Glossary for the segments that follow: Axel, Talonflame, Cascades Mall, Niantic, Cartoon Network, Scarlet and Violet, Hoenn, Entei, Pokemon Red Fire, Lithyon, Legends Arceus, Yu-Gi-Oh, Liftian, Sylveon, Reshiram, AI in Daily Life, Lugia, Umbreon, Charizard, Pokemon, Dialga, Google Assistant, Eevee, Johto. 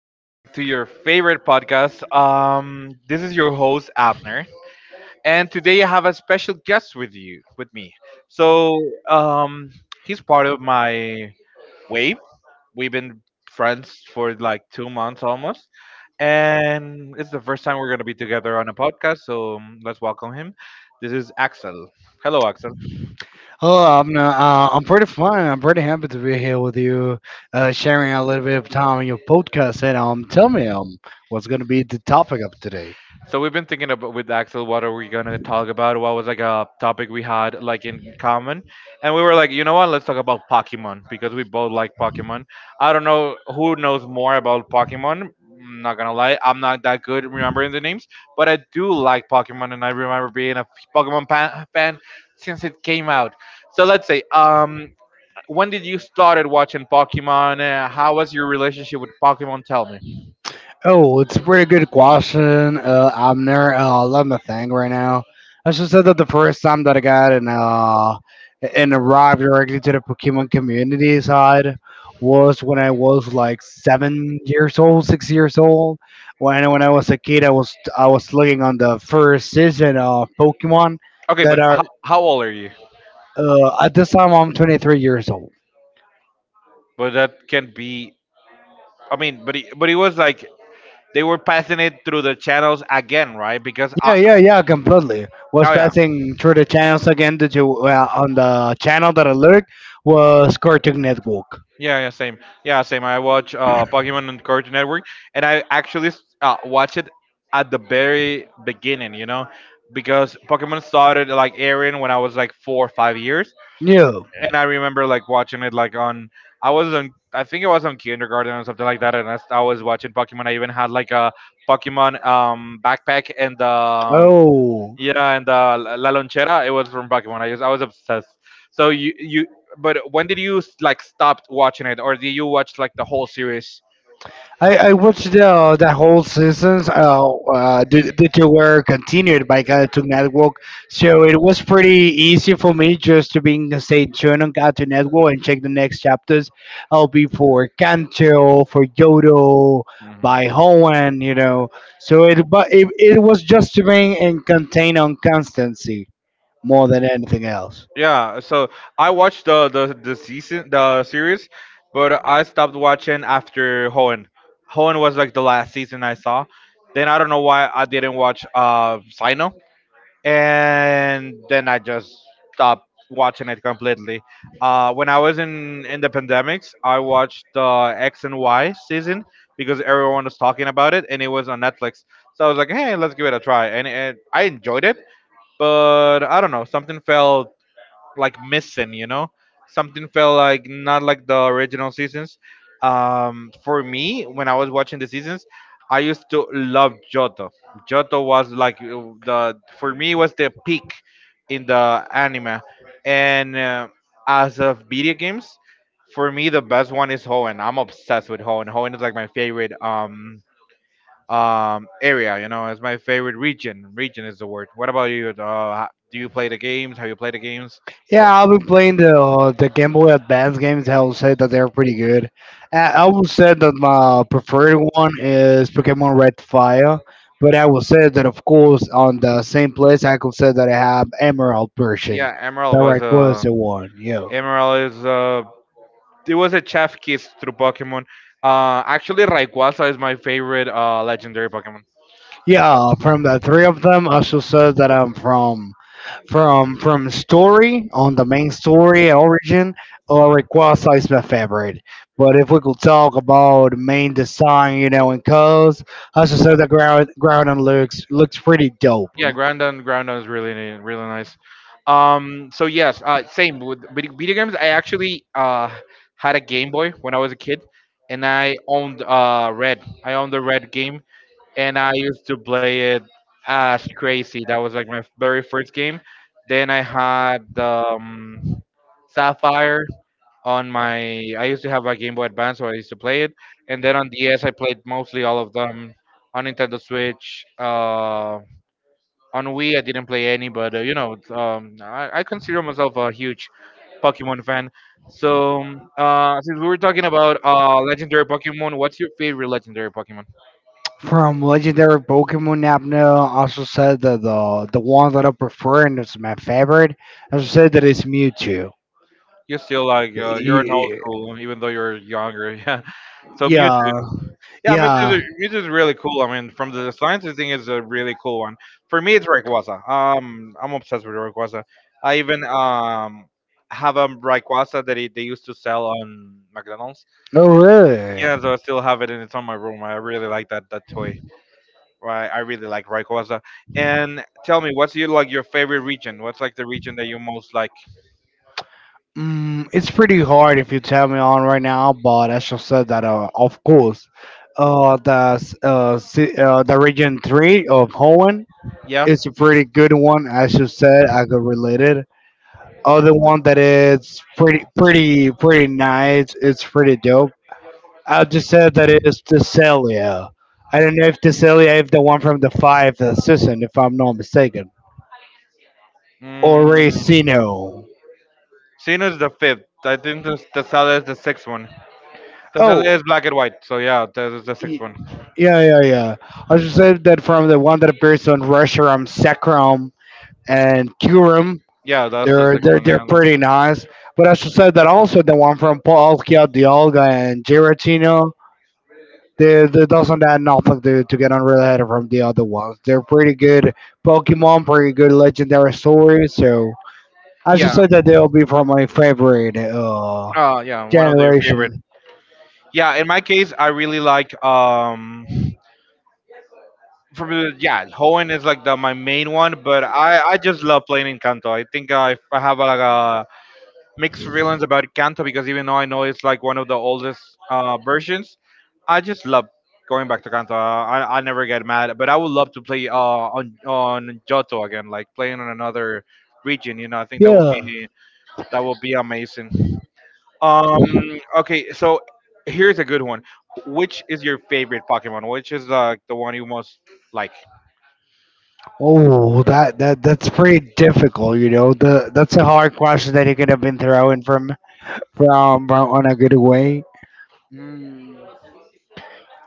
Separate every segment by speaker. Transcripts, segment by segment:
Speaker 1: Welcome back to your favorite podcast. This is your host Abner, and today I have a special guest with you, with me. So, um, he's part of my wave. We've been friends for like 2 months almost, and it's the first time we're gonna be together on a podcast. So let's welcome him. This is Axel. Hello, Axel.
Speaker 2: Oh, I'm pretty fine. I'm pretty happy to be here with you, sharing a little bit of time in your podcast. And tell me what's going to be the topic of today?
Speaker 1: So we've been thinking about with Axel, what are we gonna talk about? What was like a topic we had like in common, and we were like, you know what? Let's talk about Pokemon because we both like Pokemon. I don't know who knows more about Pokemon. I'm not gonna lie, I'm not that good remembering the names, but I do like Pokemon, and I remember being a Pokemon fan since it came out. So let's say, when did you started watching Pokemon? How was your relationship with Pokemon? Tell me.
Speaker 2: Oh, it's a pretty good question. I'm near. Let me think right now. I should say that the first time that I got in and arrived directly to the Pokemon community side was when I was like 7 years old, 6 years old. When I was a kid, I was looking on the first season of Pokemon
Speaker 1: Okay,
Speaker 2: that
Speaker 1: but
Speaker 2: are.
Speaker 1: how old are you?
Speaker 2: At this time, I'm 23 years old.
Speaker 1: But that can be, I mean, but he, but it was like they were passing it through the channels again, right? Because
Speaker 2: Yeah,
Speaker 1: I,
Speaker 2: yeah, yeah, completely. Was
Speaker 1: oh yeah,
Speaker 2: passing through the channels again that you on the channel that I looked was Cartoon Network.
Speaker 1: yeah, same, yeah same. I watch Pokemon on Cartoon Network, and I actually watch it at the very beginning, you know, because Pokemon started like airing when I was like 4 or 5 years,
Speaker 2: Yeah.
Speaker 1: and I remember like watching it like on, I was on, I think it was on kindergarten or something like that, and I was watching Pokemon. I even had like a Pokemon backpack and the,
Speaker 2: Oh.
Speaker 1: yeah, and La La Lonchera, it was from Pokemon. I was obsessed. So you, but when did you like stop watching it, or did you watch like the whole series?
Speaker 2: I watched the whole seasons. That they were continued by Cartoon Network, so it was pretty easy for me just to being stay tuned on Cartoon Network and check the next chapters. I'll be for Kanto, for Yodo,
Speaker 1: Mhm.
Speaker 2: by Hoenn. So it was just to being in contain on constancy more than anything else.
Speaker 1: Yeah, so I watched the season, the series, but I stopped watching after Hoenn. Hoenn was like the last season I saw. Then I don't know why I didn't watch Sino, and then I just stopped watching it completely. When I was in the pandemics, I watched X and Y season because everyone was talking about it, and it was on Netflix. So I was like, "Hey, let's give it a try," and I enjoyed it. But I don't know, something felt like missing, you know? Something felt like not like the original seasons. For me, when I was watching the seasons, I used to love Johto. Johto was like the, for me was the peak in the anime, and as of video games, for me the best one is Hoenn. I'm obsessed with Hoenn. Hoenn is like my favorite area. You know, it's my favorite region. Region is the word. What about you? Do you play the games? Have you played the games?
Speaker 2: Yeah,
Speaker 1: What?
Speaker 2: I've been playing the Game Boy Advance games. I will say that they're pretty good. I will say that my preferred one is Pokemon Red Fire, but I will say that of course on the same place I could say that I have Emerald version.
Speaker 1: Yeah, Emerald
Speaker 2: The
Speaker 1: was a,
Speaker 2: Rayquaza one, yeah.
Speaker 1: Emerald is a, it was a chef kiss through Pokemon. Actually, Rayquaza is my favorite legendary Pokemon.
Speaker 2: Yeah, from the three of them, I should say that I'm from from story on the main story and origin or request is my favorite. But if we could talk about main design, you know, and colors, I should say the ground looks pretty dope.
Speaker 1: Yeah, Groundon is really nice. So yes, same with video games. I actually had a Game Boy when I was a kid, and I owned Red. I owned the Red game, and I used to play it as crazy. That was like my very first game. Then I had Sapphire on my, I used to have a Game Boy Advance, so I used to play it. And then on DS, I played mostly all of them. On Nintendo Switch, on Wii, I didn't play any, but you know, it's, I consider myself a huge Pokemon fan. So, since we were talking about legendary Pokemon, what's your favorite legendary Pokemon?
Speaker 2: From legendary Pokemon Napno, I should say that the one that I prefer and it's my favorite, I should say that it's Mewtwo.
Speaker 1: You're still like you're an old
Speaker 2: Y-
Speaker 1: school, even though you're younger. Yeah. So Mewtwo.
Speaker 2: Yeah,
Speaker 1: Yeah,
Speaker 2: yeah.
Speaker 1: Mewtwo is really cool. I mean, from the science thing is a really cool one. For me, it's Rayquaza. I'm obsessed with Rayquaza. I even have a Rayquaza that it, they used to sell on McDonald's.
Speaker 2: Oh, really?
Speaker 1: Yeah, so I still have it and it's on my room. I really like that toy. Right, I really like Rayquaza. And tell me, what's your, like, your favorite region? What's like the region that you most like?
Speaker 2: It's pretty hard if you tell me on right now, but I should say that of course, the region three of Hoenn
Speaker 1: Yeah.
Speaker 2: is a pretty good one. I should say I could relate it. Other one that is pretty nice. It's pretty dope. I just said that it is Thessalia. I don't know if Thessalia is the one from the five season, if I'm not mistaken, or
Speaker 1: Mm,
Speaker 2: Racino.
Speaker 1: Sinnoh is the fifth. I think the Sala is the sixth one.
Speaker 2: Oh,
Speaker 1: Tesla is black and white. So yeah, that is the
Speaker 2: Y-
Speaker 1: sixth one.
Speaker 2: yeah, yeah, yeah. I should say that from the one that appears on Reshiram, Sekrom, and Kurum,
Speaker 1: Yeah, that's the
Speaker 2: they're
Speaker 1: sixth
Speaker 2: they're
Speaker 1: one.
Speaker 2: they're
Speaker 1: Yeah.
Speaker 2: pretty nice. But I should say that also the one from Paul Dialga and Giratino, they doesn't add nothing to get unrelated from the other ones. They're pretty good Pokemon, pretty good legendary stories. So I should
Speaker 1: Yeah.
Speaker 2: say that they'll be from my favorite
Speaker 1: Yeah. One of their favorite.
Speaker 2: generation.
Speaker 1: Yeah. In my case, I really like. From the, yeah, Hoenn is like the my main one, but I just love playing Encanto. I think I have like a mixed feelings about Encanto because even though I know it's like one of the oldest versions, I just love going back to Kanto. I never get mad, but I would love to play on Johto again, like playing on another region. You know, I think that would
Speaker 2: Yeah.
Speaker 1: be, that will be amazing. Um. Okay. So here's a good one. Which is your favorite Pokemon? Which is like the one you most like?
Speaker 2: Oh, that's pretty difficult. You know, the that's a hard question that you could have been throwing from on a good way. Mm.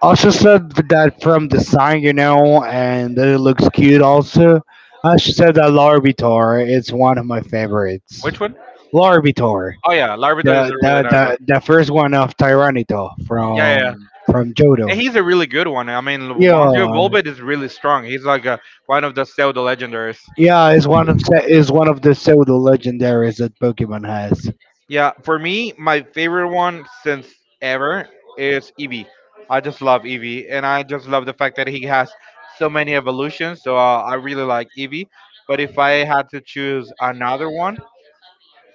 Speaker 2: Also said that from the sign, you know, and that it looks cute. Also, she said that Larvitar is one of my favorites.
Speaker 1: Which one?
Speaker 2: Larvitar,
Speaker 1: Oh yeah, Larvitar is a
Speaker 2: the
Speaker 1: really
Speaker 2: the
Speaker 1: nice one.
Speaker 2: the, the first one of Tyranitar
Speaker 1: Yeah, yeah.
Speaker 2: from Johto.
Speaker 1: And he's a really good one. I mean, once you
Speaker 2: Yeah,
Speaker 1: evolve it, it's really strong. He's like a one of the pseudo legendaries.
Speaker 2: yeah, is one of the pseudo legendaries that Pokemon has.
Speaker 1: Yeah, for me, my favorite one since ever is Eevee. I just love Eevee, and I just love the fact that he has so many evolutions. So I really like Eevee. But if I had to choose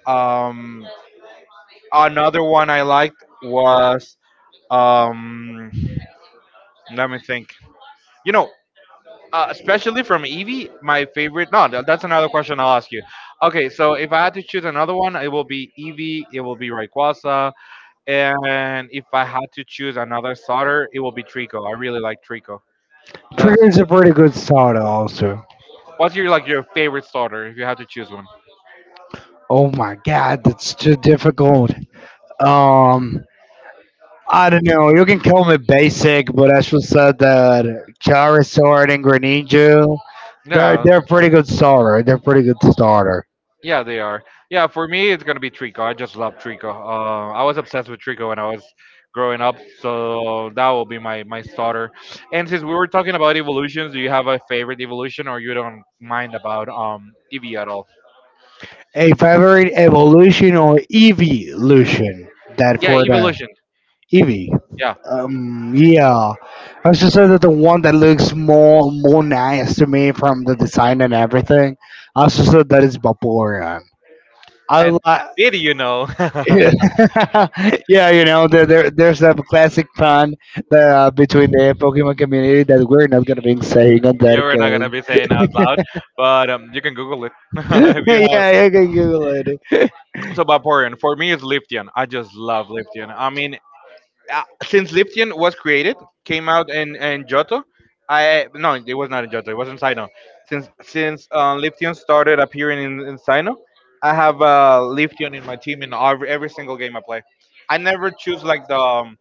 Speaker 1: um, another one I liked was, um, let me think. You know, especially from Eevee, my favorite. No, that's another question I'll ask you. Okay, so if I had to choose another one, it will be Eevee. It will be Rayquaza. And if I had to choose another starter, it will be Trico. I really like Trico. That's,
Speaker 2: Trigger is a pretty good soda also.
Speaker 1: what's your, like, your favorite starter if you had to choose one?
Speaker 2: Oh my god, that's too difficult. Um I don't know, you can call me basic, but I should say that Charizard and Greninja, they're
Speaker 1: Yeah,
Speaker 2: they're pretty good starter. They're pretty good starter.
Speaker 1: yeah, they are. Yeah, for me, it's gonna be Trico. I just love Trico. I was obsessed with Trico when I was growing up, so that will be my my starter. And since we were talking about evolutions, do you have a favorite evolution, or you don't mind about Eevee at all?
Speaker 2: A favorite evolution or evolution that
Speaker 1: Yeah,
Speaker 2: for the
Speaker 1: evolution.
Speaker 2: Eevee.
Speaker 1: Yeah.
Speaker 2: Yeah. I should say that the one that looks more nice to me from the design and everything. I should say that is Vaporeon. I
Speaker 1: And
Speaker 2: like,
Speaker 1: did you know?
Speaker 2: yeah, you know, there's that classic pun that, between the Pokemon community that we're not gonna be saying on that
Speaker 1: Yeah, we're not gonna be
Speaker 2: because
Speaker 1: saying out loud, but you can Google it if you have.
Speaker 2: yeah, you can Google it.
Speaker 1: So Vaporeon, for me, it's Liftian. I just love Liftian. I mean, since Liftian was created, came out in Johto, I, no, it was not in Johto. It was in Sino. Since Liftian started appearing in Sino, I have Liftian in my team in every single game I play. I never choose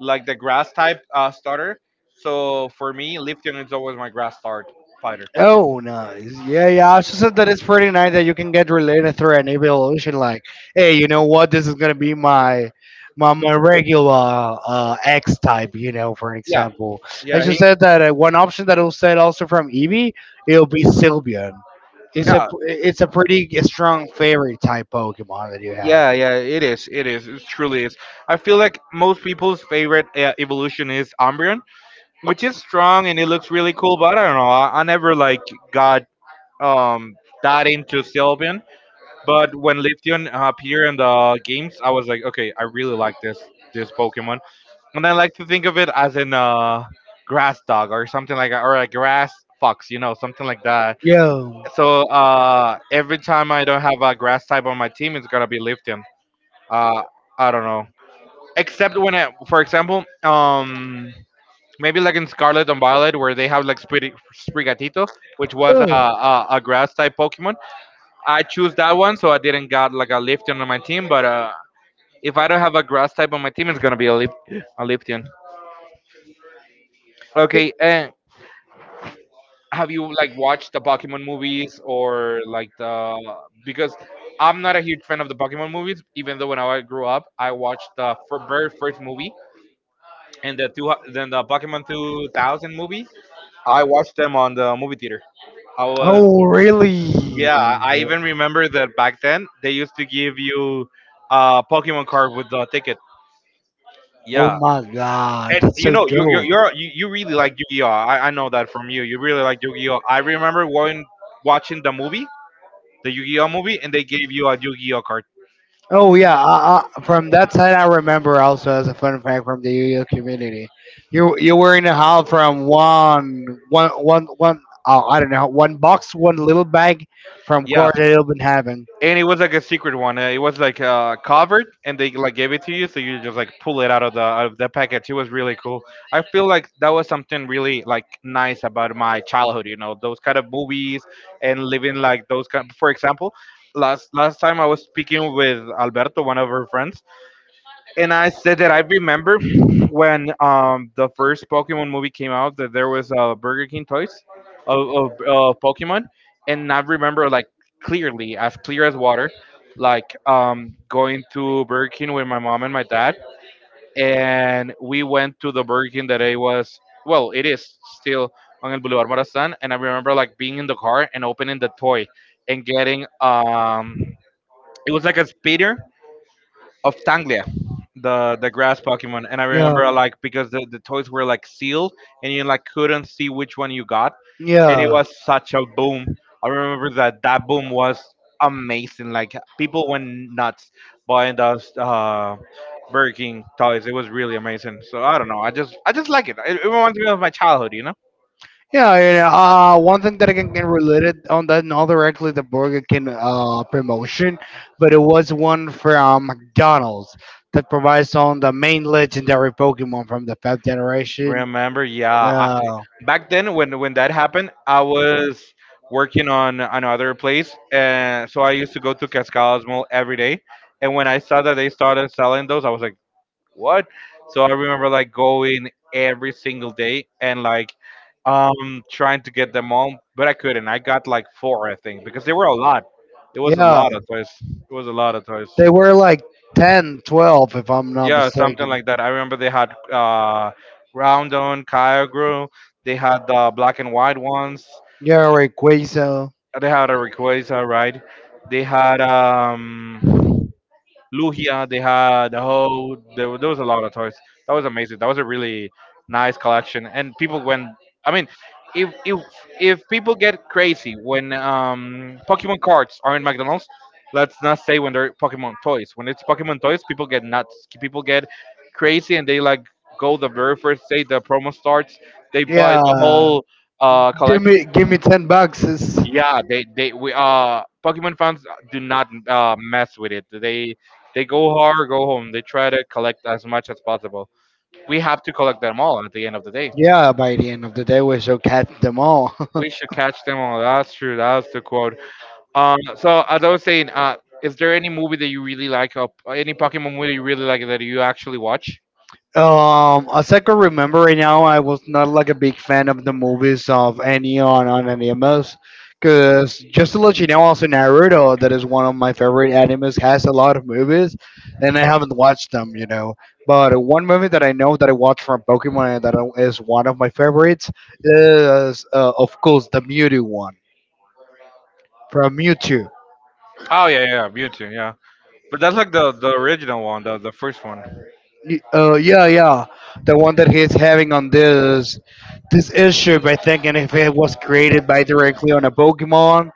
Speaker 1: like the grass type starter. So for me, Liftian is always my grass start fighter.
Speaker 2: Oh, nice. Yeah, yeah. I also said that it's pretty nice that you can get related through an evolution. Like, hey, you know what? This is gonna be my my regular X type. You know, for an
Speaker 1: Yeah,
Speaker 2: example. I
Speaker 1: yeah,
Speaker 2: just
Speaker 1: he
Speaker 2: said that one option that will said also from Eevee, it'll be Sylveon. It's a
Speaker 1: yeah,
Speaker 2: it's a pretty strong fairy type Pokemon that you have.
Speaker 1: yeah, yeah. It is. It is. It truly is. I feel like most people's favorite evolution is Umbreon, which is strong and it looks really cool. But I don't know. I never like got um that into Sylveon. But when Lithyon appeared in the games, I was like, okay, I really like this Pokemon. And I like to think of it as an grass dog or something like that, or a grass fox, you know, something like that.
Speaker 2: Yo.
Speaker 1: So every time I don't have a grass type on my team, it's gonna be Lithyon. Uh, I don't know. Except when, I, for example, maybe like in Scarlet and Violet, where they have like Sprigatito, which was
Speaker 2: Ugh.
Speaker 1: a grass type Pokemon. I choose that one, so I didn't got like a Lifton on my team. But if I don't have a grass type on my team, it's gonna be a Lifton. Okay, and have you like watched the Pokemon movies, or like the, because I'm not a huge fan of the Pokemon movies, even though when I grew up, I watched the very first movie and the then the Pokemon 2000 movie. I watched them on the movie theater. I was,
Speaker 2: Oh, really?
Speaker 1: yeah. I even remember that back then they used to give you a Pokemon card with the ticket.
Speaker 2: Oh
Speaker 1: Yeah,
Speaker 2: my god,
Speaker 1: and
Speaker 2: that's
Speaker 1: you
Speaker 2: so
Speaker 1: know you you
Speaker 2: dope.
Speaker 1: you're, you really like Yu-Gi-Oh. I know that from you. You really like Yu-Gi-Oh. I remember when watching the movie, the Yu-Gi-Oh movie, and they gave you a Yu-Gi-Oh card.
Speaker 2: Oh yeah, from that side I remember also as a fun fact from the UU community. You were in a hall from one one one one oh I don't know one box one little bag from
Speaker 1: Yeah,
Speaker 2: court that you've been having.
Speaker 1: and it was like a secret one. It was like covered, and they like gave it to you, so you just like pull it out of the package. It was really cool. I feel like that was something really like nice about my childhood, you know, those kind of movies and living like those kind. For example, last time I was speaking with Alberto, one of our friends, and I said that I remember when the first Pokemon movie came out, that there was Burger King toys of Pokemon, and I remember like clearly, as clear as water, like going to Burger King with my mom and my dad, and we went to the Burger King that I was, well, it is still on El Boulevard Morazan. And I remember like being in the car and opening the toy and getting it was like a speeder of Tanglia, the grass Pokemon. And I
Speaker 2: Yeah,
Speaker 1: remember like, because the toys were like sealed and you like couldn't see which one you got, and it
Speaker 2: yeah.
Speaker 1: was such a boom. I remember that that boom was amazing. Like people went nuts buying those Burger King toys. It was really amazing. So I don't know. I just like it. It reminds me of my childhood, you know.
Speaker 2: Yeah, and, one thing that I can relate it on that, not directly the Burger King promotion, but it was one from McDonald's that provides on the main legendary Pokemon from the fifth generation.
Speaker 1: Remember? Yeah,
Speaker 2: Uh,
Speaker 1: back then when that happened, I was working on another place, and so I used to go to Cascades Mall every day, and when I saw that they started selling those, I was like, what? So I remember like going every single day, and like trying to get them all, but I couldn't. I got like 4, I think, because they were a lot. It was a
Speaker 2: yeah,
Speaker 1: lot of toys. It was a lot of toys.
Speaker 2: they were like ten, 12, if I'm not
Speaker 1: Yeah, something
Speaker 2: mistaken.
Speaker 1: like that. I remember they had round on Kyogre. They had the black and white ones.
Speaker 2: Yeah, Rayquaza.
Speaker 1: They had a request, all right. They had Lugia. They had the whole there, there was a lot of toys. That was amazing. That was a really nice collection. And people went, I mean, if if if people get crazy when Pokemon cards are in McDonald's, let's not say when they're Pokemon toys. When it's Pokemon toys, people get nuts. People get crazy, and they like go the very first day the promo starts. They buy
Speaker 2: Yeah,
Speaker 1: the whole
Speaker 2: give
Speaker 1: collection.
Speaker 2: me give me 10 boxes.
Speaker 1: Yeah, they we Pokemon fans do not mess with it. They go hard, go home. They try to collect as much as possible. We have to collect them all at the end of the day.
Speaker 2: Yeah, by the end of the day, we should catch them all.
Speaker 1: We should catch them all. That's true. That's the quote. So as I was saying, is there any movie that you really like? Or any Pokemon movie you really like that you actually watch?
Speaker 2: As I can remember right now, I was not like a big fan of the movies of any on animes. Cause just to let you know, also Naruto, that is one of my favorite animes, has a lot of movies, and I haven't watched them. But one movie that I know that I watched from Pokemon and is one of my favorites is, of course, the Mewtwo one from Mewtwo.
Speaker 1: Oh yeah, yeah, Mewtwo, yeah. But that's like the original one, the first one.
Speaker 2: Yeah, yeah, the one that he's having on this issue by thinking if it was created by directly on a Pokemon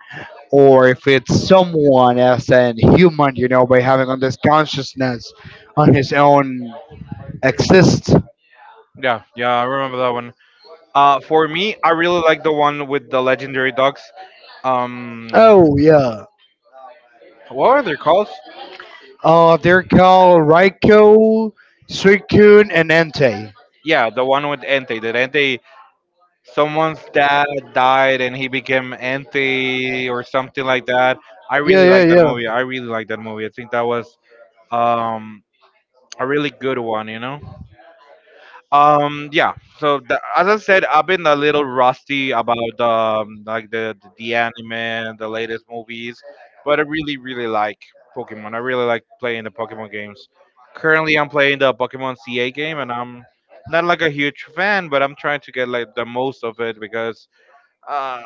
Speaker 2: or if it's someone as an human, you know, by having on this consciousness on his own exist.
Speaker 1: Yeah, yeah, I remember that one. For me, I really like the one with the legendary dogs. um
Speaker 2: Oh yeah.
Speaker 1: what are they called?
Speaker 2: They're called Raikou, Suicune and Entei.
Speaker 1: Yeah, the one with Entei. That Entei, someone's dad died and he became Entei or something like that. I
Speaker 2: Yeah,
Speaker 1: really like
Speaker 2: yeah,
Speaker 1: that
Speaker 2: yeah.
Speaker 1: movie. I really like that movie. I think that was um a really good one, you know? Yeah. So as I said, I've been a little rusty about like the anime, the latest movies, but I really really like Pokemon. I really like playing the Pokemon games. Currently, I'm playing the Pokemon CA game, and I'm not like a huge fan, but I'm trying to get like the most of it because uh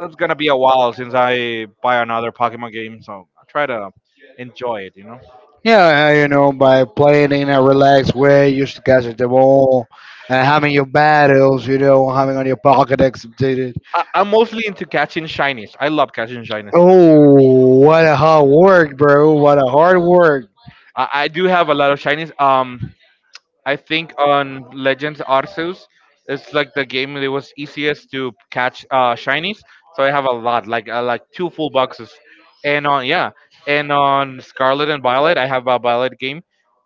Speaker 1: it's gonna be a while since I buy another Pokemon game, so I try to enjoy it, you know.
Speaker 2: Yeah, you know, by playing in a relaxed way, used to catch the ball and having your battles, you know, having on your Pokedex updated.
Speaker 1: I, I'm mostly into catching shinies. I love catching shinies.
Speaker 2: Oh, what a hard work, bro. What a hard work.
Speaker 1: I do have a lot of shinies. I think on Legends Arceus, it's like the game that was easiest to catch shinies. So I have a lot, like two full boxes, and on yeah, and on Scarlet and Violet, I have a Violet game,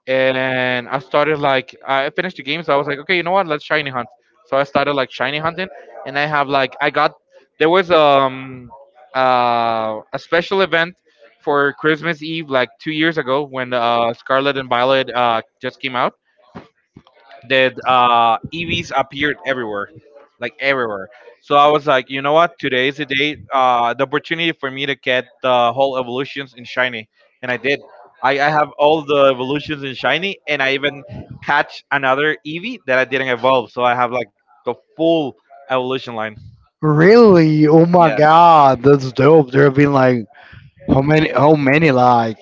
Speaker 1: and I started like I finished the game, so I was like, okay, you know what, let's shiny hunt. So I started like shiny hunting, and I have like I got there was a special event for Christmas Eve like 2 years ago, when Scarlet and Violet just came out, that EVs appeared everywhere, like everywhere. So I was like, you know what? Today is the day, the opportunity for me to get the whole evolutions in shiny, and I did. I have all the evolutions in shiny, and I even catch another EV that I didn't evolve. So I have like the full evolution line.
Speaker 2: Really? Oh my god, that's dope. There have been like how many like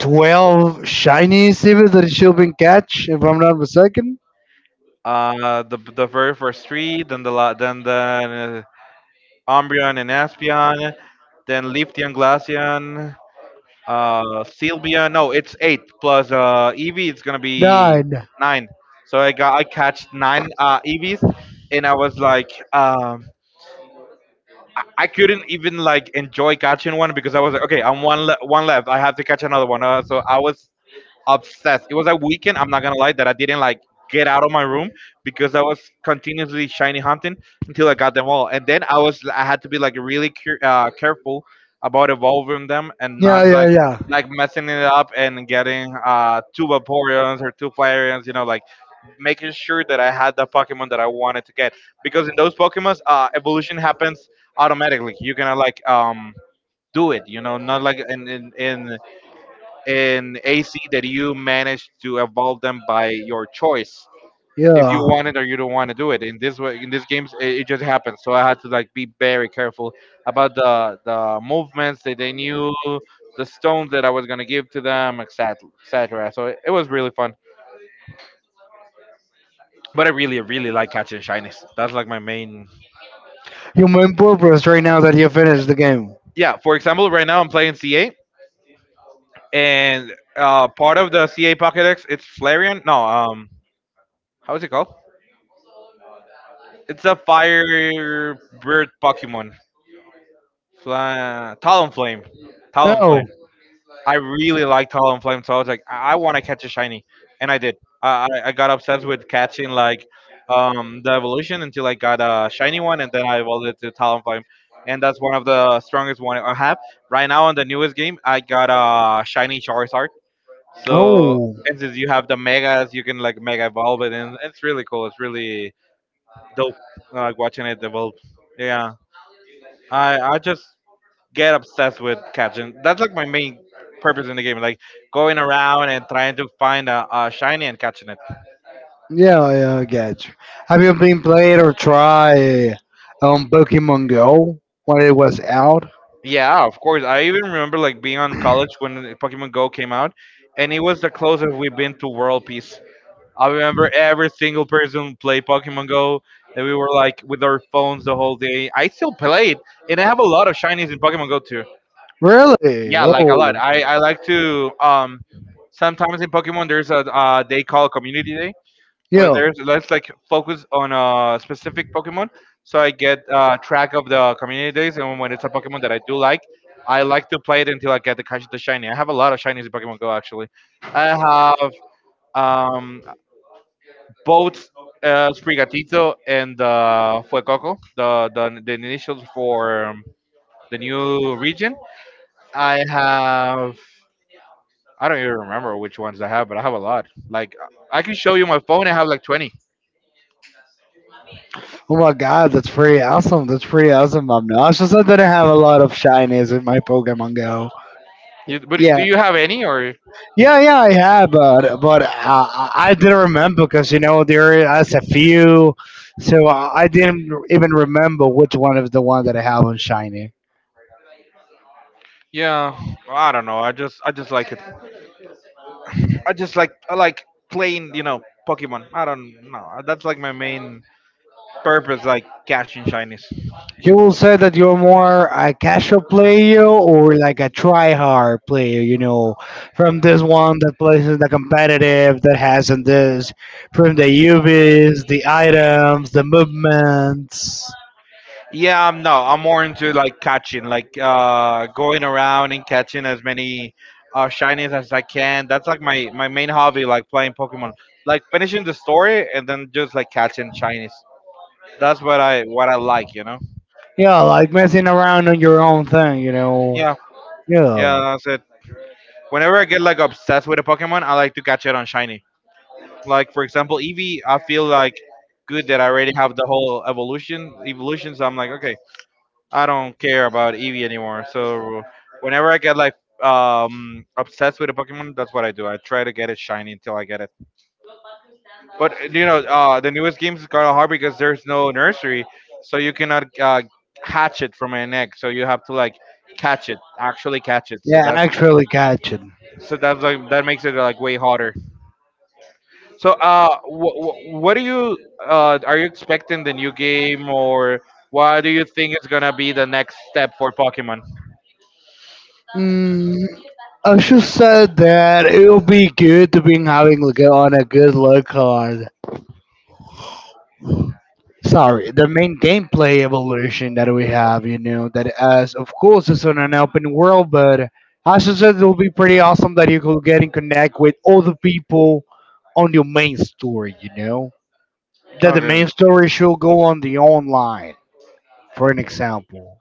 Speaker 2: 12 shiny civils that she'll been catch, if I'm not mistaken?
Speaker 1: The very first three, then then the Umbreon and Aspion, then Leafeon, Glaceon, Sylvia. No, it's 8 plus Evie. It's gonna be
Speaker 2: Nine.
Speaker 1: 9. So I got I catched 9 EVs, and I was like, I couldn't even like enjoy catching one because I was like, okay, one left. I have to catch another one. So I was obsessed. It was a weekend. I'm not gonna lie that I didn't like get out of my room because I was continuously shiny hunting until I got them all. And then I was I had to be like really careful about evolving them, and not
Speaker 2: Yeah, yeah,
Speaker 1: like
Speaker 2: yeah.
Speaker 1: like messing it up and getting two Vaporeons or two Flareons. You know, like making sure that I had the Pokemon that I wanted to get, because in those Pokemons, evolution happens automatically. You cannot like do it, you know, not like in AC, that you manage to evolve them by your choice. If you
Speaker 2: Yeah.
Speaker 1: want it or you don't want to do it, in this way, in these games, it just happens. So I had to like be very careful about the movements that they knew, the stones that I was gonna give to them, etc. etc. So it was really fun. But I really, really like catching shinies. That's like my main.
Speaker 2: Your main purpose right now that you finished the game.
Speaker 1: Yeah. For example, right now I'm playing CA, and part of the CA Pokédex, it's Flareon. No, how is it called? It's a fire bird Pokemon. Talonflame. Talonflame.
Speaker 2: Oh.
Speaker 1: I really like Talonflame, so I was like, I want to catch a shiny, and I did. I got obsessed with catching like the evolution until I got a shiny one, and then I evolved it to Talonflame, and that's one of the strongest one I have right now. On the newest game, I got a shiny Charizard. So,
Speaker 2: Oh.
Speaker 1: and since you have the megas, you can like mega evolve it, and it's really cool. It's really dope, like watching it evolve. Yeah. I just get obsessed with catching. That's like my main purpose in the game, like going around and trying to find a shiny and catching it.
Speaker 2: Yeah, yeah, I got you. Have you been played or tried Pokemon Go when it was out?
Speaker 1: Yeah, of course. I even remember like being on college when Pokemon Go came out, and it was the closest we've been to world peace. I remember every single person play Pokemon Go, and we were like with our phones the whole day. I still play it, and I have a lot of shinies in Pokemon Go too.
Speaker 2: Really?
Speaker 1: Yeah, like a lot.
Speaker 2: Oh.
Speaker 1: I like to sometimes in Pokemon there's a they call community day, where
Speaker 2: Yeah.
Speaker 1: there's let's like focus on a specific Pokemon, so I get track of the community days. And when it's a Pokemon that I do like, I like to play it until I get the catch the shiny. I have a lot of shinies in Pokemon Go actually. I have um, both Sprigatito and Fuecoco, the initials for the new region. I have I don't even remember which ones I have, but I have a lot. Like I can show you my phone. I have like 20.
Speaker 2: Oh my god, that's pretty awesome. That's pretty awesome, Omno. I just I didn't have a lot of shinies in my Pokemon Go.
Speaker 1: You, but
Speaker 2: Yeah.
Speaker 1: do you have any or?
Speaker 2: Yeah, yeah, I have, but I didn't remember because you know there is a few, so I didn't even remember which one is the one that I have on shiny.
Speaker 1: Yeah, well, I don't know. I just like it. I just like I like playing, you know, Pokemon. I don't know. That's like my main purpose, like catching shinies.
Speaker 2: You will say that you're more a casual player or like a try-hard player, you know, from this one that plays in the competitive, that has in this, from the UVs, the items, the movements.
Speaker 1: Yeah, I'm no, I'm more into like catching, like going around and catching as many shinies as I can. That's like my main hobby, like playing Pokemon. Like finishing the story and then just like catching shinies. That's what I like, you know.
Speaker 2: Yeah, like messing around on your own thing.
Speaker 1: Yeah, yeah,
Speaker 2: Yeah,
Speaker 1: that's it. Whenever I get like obsessed with a Pokemon, I like to catch it on shiny. Like for example, Eevee, I feel like good that I already have the whole evolution. So I'm like, okay, I don't care about Eevee anymore. So whenever I get like obsessed with a Pokemon, that's what I do. I try to get it shiny until I get it. But the newest games is kind of hard because there's no nursery, so you cannot hatch it from an egg. So you have to like catch it, actually catch it. So
Speaker 2: yeah,
Speaker 1: that's
Speaker 2: actually catching.
Speaker 1: so that's like that makes it like way harder. So, wh- wh- what do you are you expecting the new game, or what do you think is gonna be the next step for Pokemon?
Speaker 2: Mm, I should said that it will be good to be having like on a good luck card. Sorry, the main gameplay evolution that we have, you know, that as of course it's on an open world, but as I said, it will be pretty awesome that you could get in connect with other people on your main story, you know, that the
Speaker 1: Okay,
Speaker 2: main story should go on the online, for an example.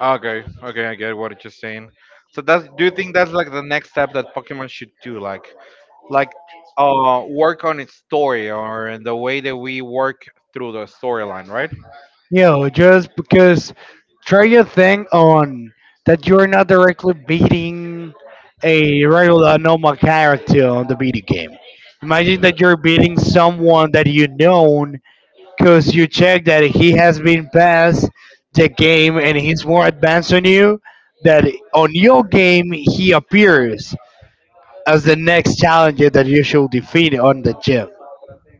Speaker 1: okay. I get what you're saying. So that's, do you think that's like the next step that Pokemon should do, like like work on its story or in the way that we work through the storyline, right?
Speaker 2: You know, just because try to think on that you're not directly beating a regular normal character on the video game. Imagine that you're beating someone that you know because you check that he has been past the game and he's more advanced on you. That on your game he appears as the next challenger that you should defeat on the gym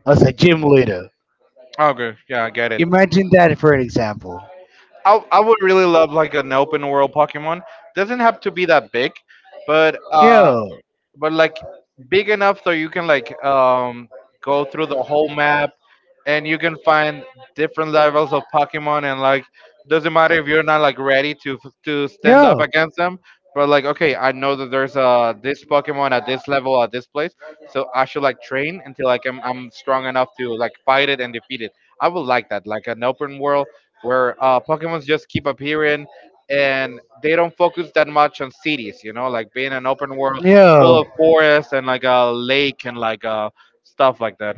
Speaker 2: as a gym leader.
Speaker 1: Okay, yeah, I get it.
Speaker 2: Imagine that for an example.
Speaker 1: I would really love like an open world Pokemon. Doesn't have to be that big, but uh
Speaker 2: Yeah.
Speaker 1: but like big enough so you can like go through the whole map, and you can find different levels of Pokemon, and like doesn't matter if you're not like ready to stand up
Speaker 2: Yeah.
Speaker 1: against them, but like okay, I know that there's this Pokemon at this level at this place, so I should like train until like I'm strong enough to like fight it and defeat it. I would like that, like an open world where Pokemons just keep appearing and they don't focus that much on cities, you know, like being an open world
Speaker 2: Yeah.
Speaker 1: full of forests and like a lake and like stuff like that.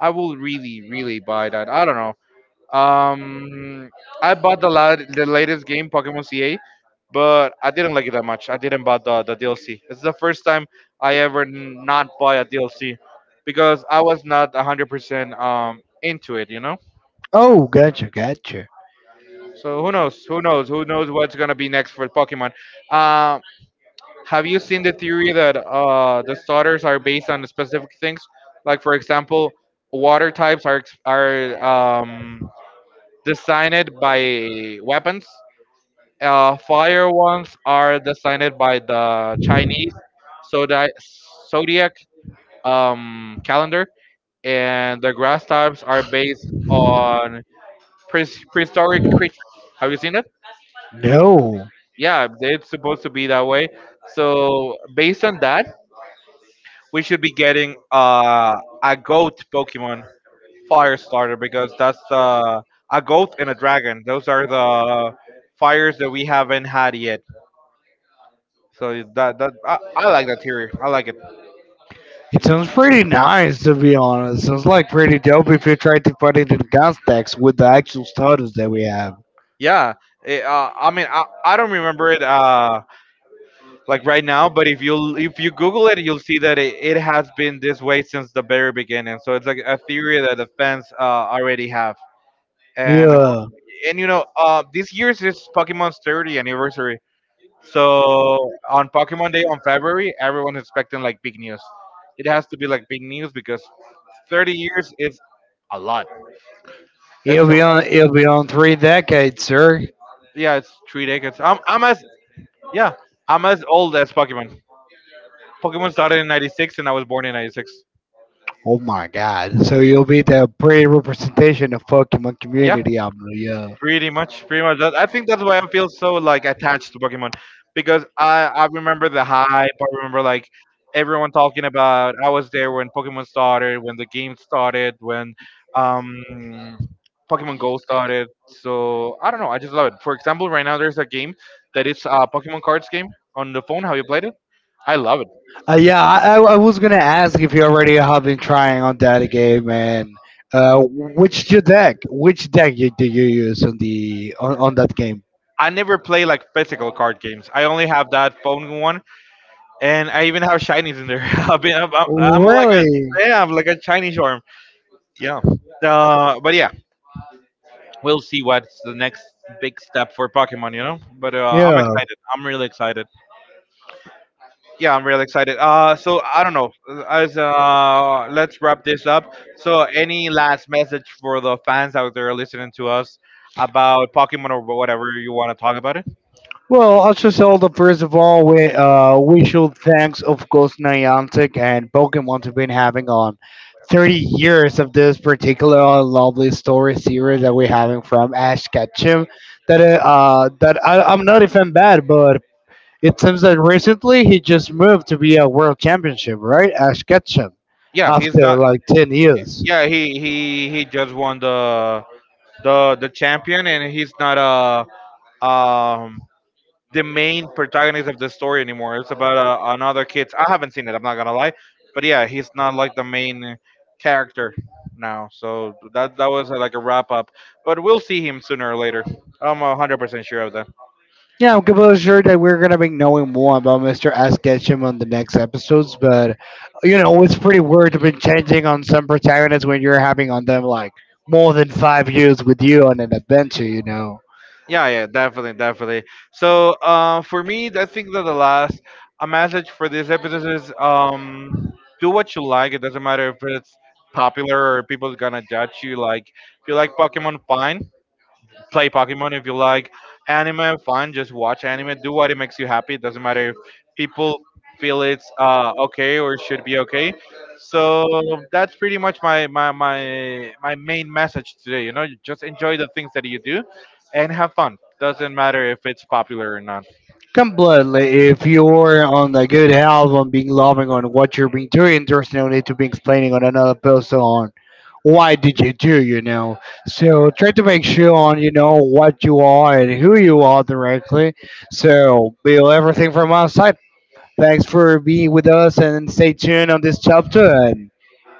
Speaker 1: I will really, really buy that. I don't know. Um, I bought the the latest game, Pokemon CA, but I didn't like it that much. I didn't buy the DLC. It's the first time I ever not buy a DLC because I was not 100% into it, you know?
Speaker 2: Oh, gotcha, gotcha.
Speaker 1: So who knows? Who knows? Who knows what's going to be next for Pokemon? Um, have you seen the theory that the starters are based on specific things? Like, for example, water types are, are um, designed by weapons. Fire ones are designed by the Chinese zodi- zodiac calendar, and the grass types are based on prehistoric creatures. Have you seen it?
Speaker 2: No.
Speaker 1: Yeah, it's supposed to be that way. So based on that, we should be getting a goat Pokemon Fire starter because that's a goat and a dragon. Those are the fires that we haven't had yet. That I like that theory. I like it.
Speaker 2: It sounds pretty nice to be honest. Sounds like pretty dope if you try to put it in context with the actual status that we have.
Speaker 1: Yeah. It, I mean, I don't remember it like right now, but if you Google it, you'll see that it has been this way since the very beginning. So it's like a theory that the fans already have. And
Speaker 2: Yeah.
Speaker 1: and you know, this year's is Pokemon's 30th anniversary. So on Pokemon Day on February, everyone's expecting like big news. It has to be like big news because 30 years is a lot.
Speaker 2: It'll
Speaker 1: It's a
Speaker 2: be on it'll be on three decades, sir.
Speaker 1: yeah, it's three decades. I'm as yeah, I'm as old as Pokemon. Pokemon started in '96, and I was born in '96.
Speaker 2: Oh my God! So you'll be the pretty representation of Pokemon
Speaker 1: Yeah,
Speaker 2: community, Abno. Yeah.
Speaker 1: pretty much, pretty much. I think that's why I feel so like attached to Pokemon, because I remember the hype. I remember like everyone talking about. I was there when Pokemon started, when the game started, when um Pokemon Go started. So I don't know. I just love it. For example, right now there's a game that it's a Pokemon cards game on the phone. Have you played it? I love it.
Speaker 2: Yeah, I was gonna ask if you already have been trying on that game, and which your deck? Which deck do you use on the on that game?
Speaker 1: I never play like physical card games. I only have that phone one, and I even have shinies in there. I'm like a,
Speaker 2: Really?
Speaker 1: yeah, I'm like a shiny charm. Yeah. But yeah, we'll see what's the next big step for Pokemon. You know, but I'm
Speaker 2: Yeah.
Speaker 1: excited. I'm really excited. Yeah, I'm really excited. So I don't know. As Let's wrap this up. So, any last message for the fans out there listening to us about Pokemon or whatever you want to talk about it?
Speaker 2: Well, also sold the first of all, we should thanks of course Niantic and Pokemon have been having on 30 years of this particular lovely story series that we're having from Ash Ketchum. That I'm not even bad, but it seems that recently he just moved to be a world championship, right? Ash Ketchum,
Speaker 1: Yeah, he's
Speaker 2: after
Speaker 1: done.
Speaker 2: like 10 years.
Speaker 1: Yeah, he he just won the the champion, and he's not um the main protagonist of the story anymore. It's about another kid. I haven't seen it. I'm not gonna lie, but yeah, he's not like the main character now. So that was like a wrap up, but we'll see him sooner or later. I'm 100% sure of that.
Speaker 2: Yeah, I'm completely sure that we're gonna be knowing more about Mr. S. Ketchum on the next episodes, but you know it's pretty weird to be changing on some protagonists when you're having on them like more than 5 years with you on an adventure. You know,
Speaker 1: Yeah, yeah, definitely, definitely. So, for me, I think that the last a message for this episode is do what you like. It doesn't matter if it's popular or people's gonna judge you. Like, if you like Pokemon, fine, play Pokemon. If you like anime, fun, just watch anime. Do what it makes you happy. It doesn't matter if people feel it's okay or should be okay. So that's pretty much my main message today. You know, you just enjoy the things that you do, and have fun. Doesn't matter if it's popular or not.
Speaker 2: completely. If you're on the good health on being loving on what you're being doing, there's no need to be explaining on another person on why did you do. You know, so try to make sure on you know what you are and who you are directly. So, Bill, everything from our side. Thanks for being with us and stay tuned on this chapter. And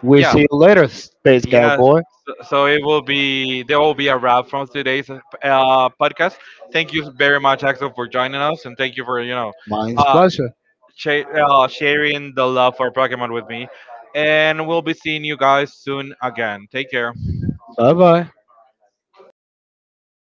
Speaker 2: we'll
Speaker 1: Yeah,
Speaker 2: see you later, Space
Speaker 1: yeah.
Speaker 2: Cowboy.
Speaker 1: So so it will be there will be a wrap from today's podcast. Thank you very much, Axel, for joining us, and thank you for
Speaker 2: Mine's
Speaker 1: uh,
Speaker 2: pleasure.
Speaker 1: sharing the love for Pokemon with me. And we'll be seeing you guys soon again. Take care.
Speaker 2: Bye bye.